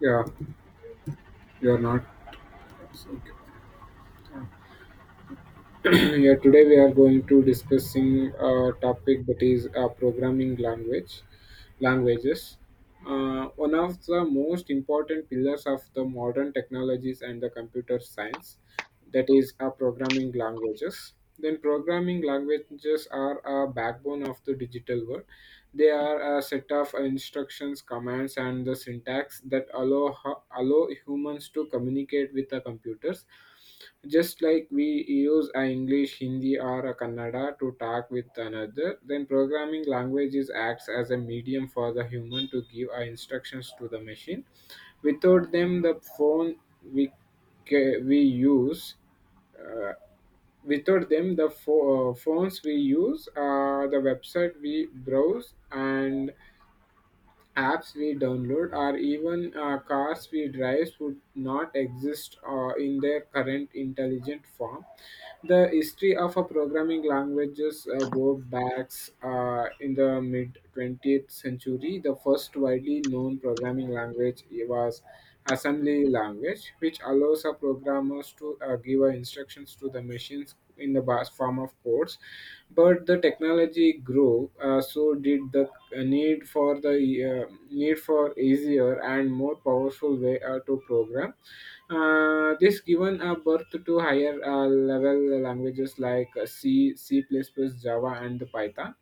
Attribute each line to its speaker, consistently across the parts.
Speaker 1: Yeah, you're not. Yeah, today we are going to discussing a topic that is programming languages. One of the most important pillars of the modern technologies and the computer science, that is, programming languages. Then, programming languages are a backbone of the digital world. They are a set of instructions, commands, and the syntax that allow humans to communicate with the computers. Just like we use a English, Hindi, or a Kannada to talk with another, then programming languages acts as a medium for the human to give our instructions to the machine. Without them, the phone we ca- we use. Uh, Without them, phones we use, the website we browse, and apps we download, or even cars we drive would not exist in their current intelligent form. The history of a programming languages go back in the mid 20th century. The first widely known programming language was assembly language, which allows a programmers to give instructions to the machines in the form of codes, but the technology grew, so did the need for easier and more powerful way to program. This given a birth to higher level languages like C, c++, java, and the python,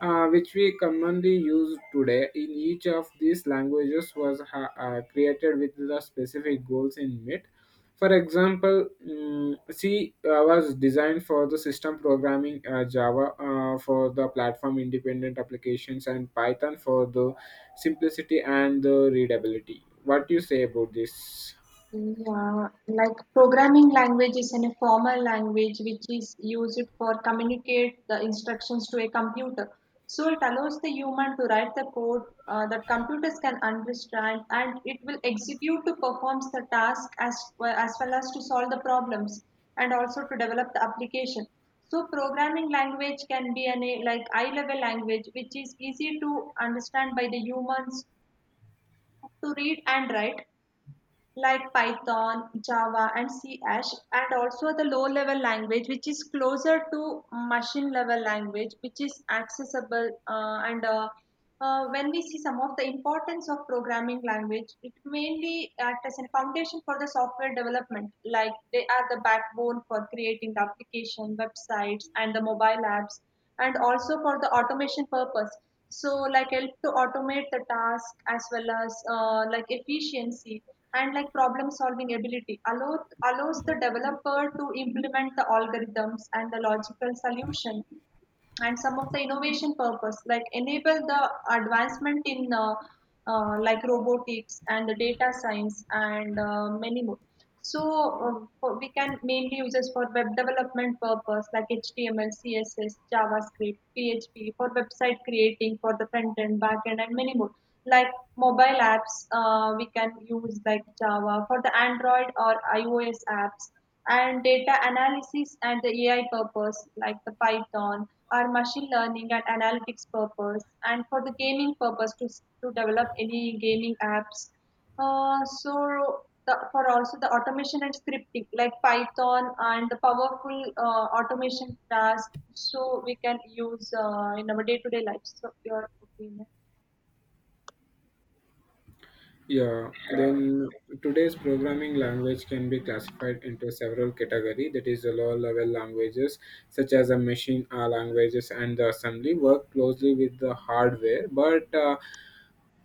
Speaker 1: which we commonly use today. In each of these languages was created with the specific goals in mind. For example, C was designed for the system programming, Java for the platform independent applications, and Python for the simplicity and the readability. What do you say about this?
Speaker 2: Yeah, like programming language is an formal language which is used for communicate the instructions to a computer. So it allows the human to write the code that computers can understand, and it will execute to perform the task as well, as well as to solve the problems and also to develop the application. So programming language can be an a like eye level language which is easy to understand by the humans to read and write like Python, Java, and C Hash, and also the low level language, which is closer to machine level language, which is accessible. And when we see some of the importance of programming language, it mainly acts as a foundation for the software development, like they are the backbone for creating the application, websites, and the mobile apps, and also for the automation purpose. So, like help to automate the task as well as like efficiency and like problem solving ability allows the developer to implement the algorithms and the logical solution and some of the innovation purpose like enable the advancement in like robotics and the data science and many more so we can mainly use this for web development purpose like HTML CSS JavaScript PHP for website creating for the front end back end and many more like mobile apps we can use like Java for the Android or iOS apps and data analysis and the AI purpose like the Python or machine learning and analytics purpose and for the gaming purpose to develop any gaming apps uh, so the, for also the automation and scripting like Python and the powerful automation task so we can use in our day-to-day life. So your opinion.
Speaker 1: Yeah, then today's programming language can be classified into several categories, that is the low-level languages, such as the machine languages and the assembly, work closely with the hardware, but uh,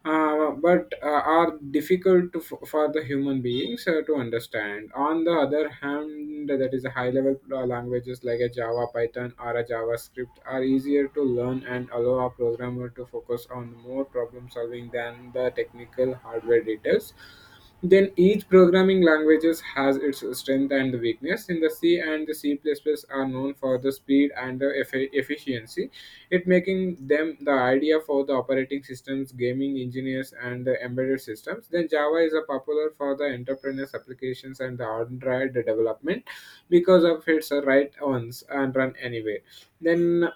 Speaker 1: uh, but uh, are difficult to, for the human beings to understand. On the other hand, and that is a high level languages like a Java, Python, or a JavaScript are easier to learn and allow a programmer to focus on more problem solving than the technical hardware details. Then each programming languages has its strength and weakness. In the C and the C++ are known for the speed and the efficiency, it making them the idea for the operating systems, gaming engineers, and the embedded systems. Then java is a popular for the entrepreneurs applications and the android development because of its right ones and run anywhere, then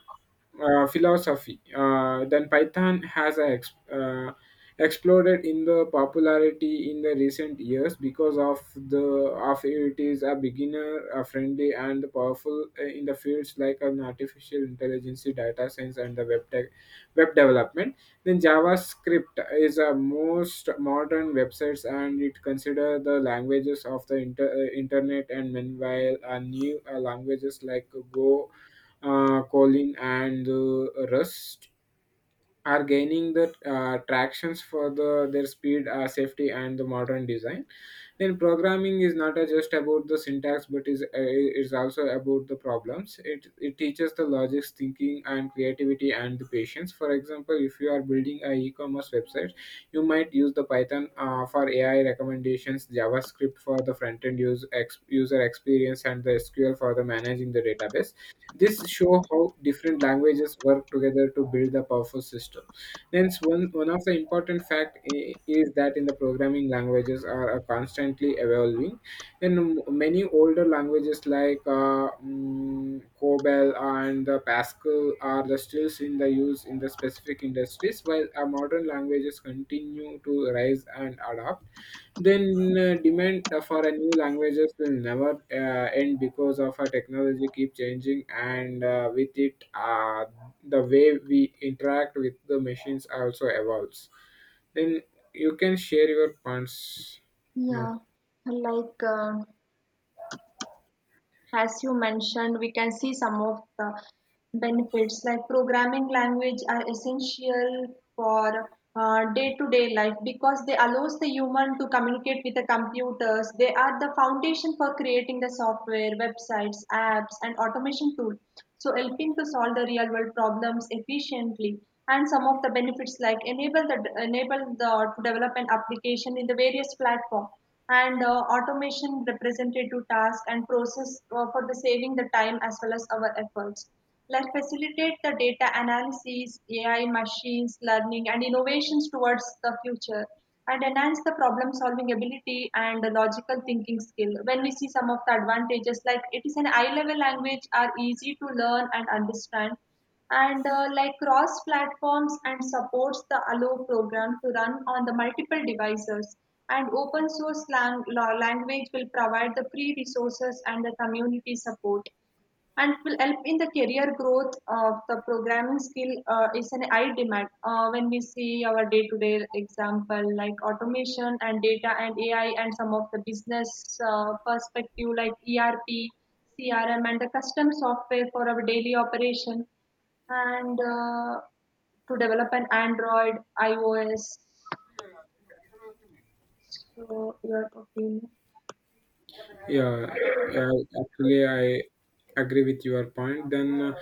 Speaker 1: philosophy. Then Python has a exploded in the popularity in the recent years because of the of it is a beginner friendly and powerful in the fields like an artificial intelligence, data science, and the web tech, web development. Then JavaScript is a most modern websites and it consider the languages of the internet, and meanwhile new languages like Go, Colin, and Rust are gaining the tractions for the their speed, safety, and the modern design. Then programming is not just about the syntax, but is also about the problems. It teaches the logics, thinking, and creativity, and the patience. For example, if you are building a e-commerce website, you might use the Python for AI recommendations, JavaScript for the front end use user experience, and the SQL for the managing the database. This show how different languages work together to build a powerful system. Hence, one of the important fact is that in the programming languages are constantly evolving. In many older languages like COBOL and Pascal are the still in the use in the specific industries, while our modern languages continue to rise and adapt. Then demand for a new languages will never end because of our technology keep changing, and with it the way we interact with the machines also evolves. Then you can share your points now.
Speaker 2: Yeah, like as you mentioned, we can see some of the benefits. Like programming language are essential for day-to-day life because they allows the human to communicate with the computers. They are the foundation for creating the software, websites, apps, and automation tool. So helping to solve the real-world problems efficiently. And some of the benefits like enable the to develop an application in the various platform and automation represented to task and process for the saving the time as well as our efforts let facilitate the data analysis AI machines learning and innovations towards the future and enhance the problem solving ability and the logical thinking skill when we see some of the advantages like it is an eye level language are easy to learn and understand and like cross platforms and supports the allo program to run on the multiple devices and open source language will provide the free resources and the community support and it will help in the career growth of the programming skill is an high demand when we see our day-to-day example like automation and data and AI and some of the business perspective like ERP CRM and the custom software for our daily operation and to develop an Android iOS. So your opinion.
Speaker 1: Yeah, yeah, actually, I agree with your point. Then, uh,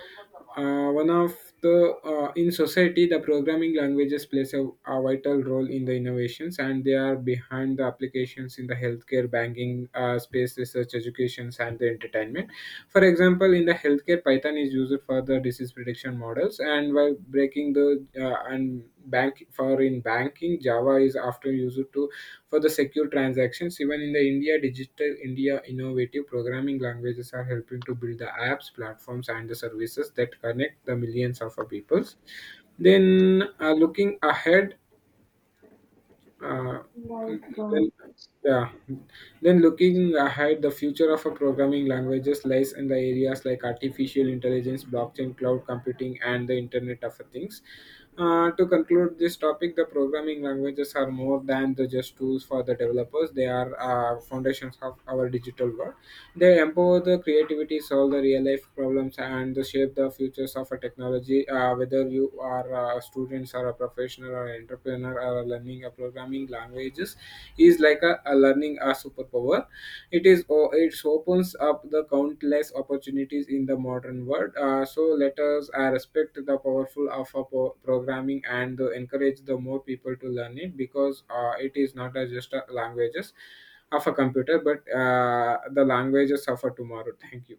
Speaker 1: uh, one of the in society, the programming languages plays a vital role in the innovations, and they are behind the applications in the healthcare, banking, space research, educations, and the entertainment. For example, in the healthcare, Python is used for the disease prediction models, and while breaking the and bank for in banking, Java is often used to for the secure transactions. Even in the India, digital India innovative programming languages are helping to build the apps, platforms, and the services that connect the millions of peoples. Then, uh,
Speaker 2: like uh,
Speaker 1: then, yeah. Then looking ahead, the future of a programming languages lies in the areas like artificial intelligence, blockchain, cloud computing, and the Internet of Things. To conclude this topic, the programming languages are more than the just tools for the developers. They are foundations of our digital world. They empower the creativity, solve the real life problems, and they shape the futures of a technology. Whether you are a student or a professional or entrepreneur, or learning a programming languages is like a learning a superpower. It opens up the countless opportunities in the modern world. So let us respect the powerful of a programming, and encourage the more people to learn it, because it is not just a languages of a computer, but the languages of a tomorrow. Thank you.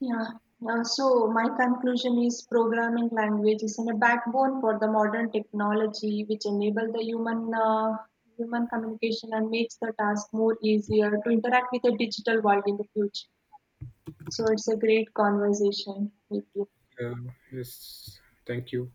Speaker 2: Yeah. So my conclusion is programming language is in a backbone for the modern technology, which enable the human human communication and makes the task more easier to interact with the digital world in the future. So it's a great conversation with you.
Speaker 1: Yes, thank you.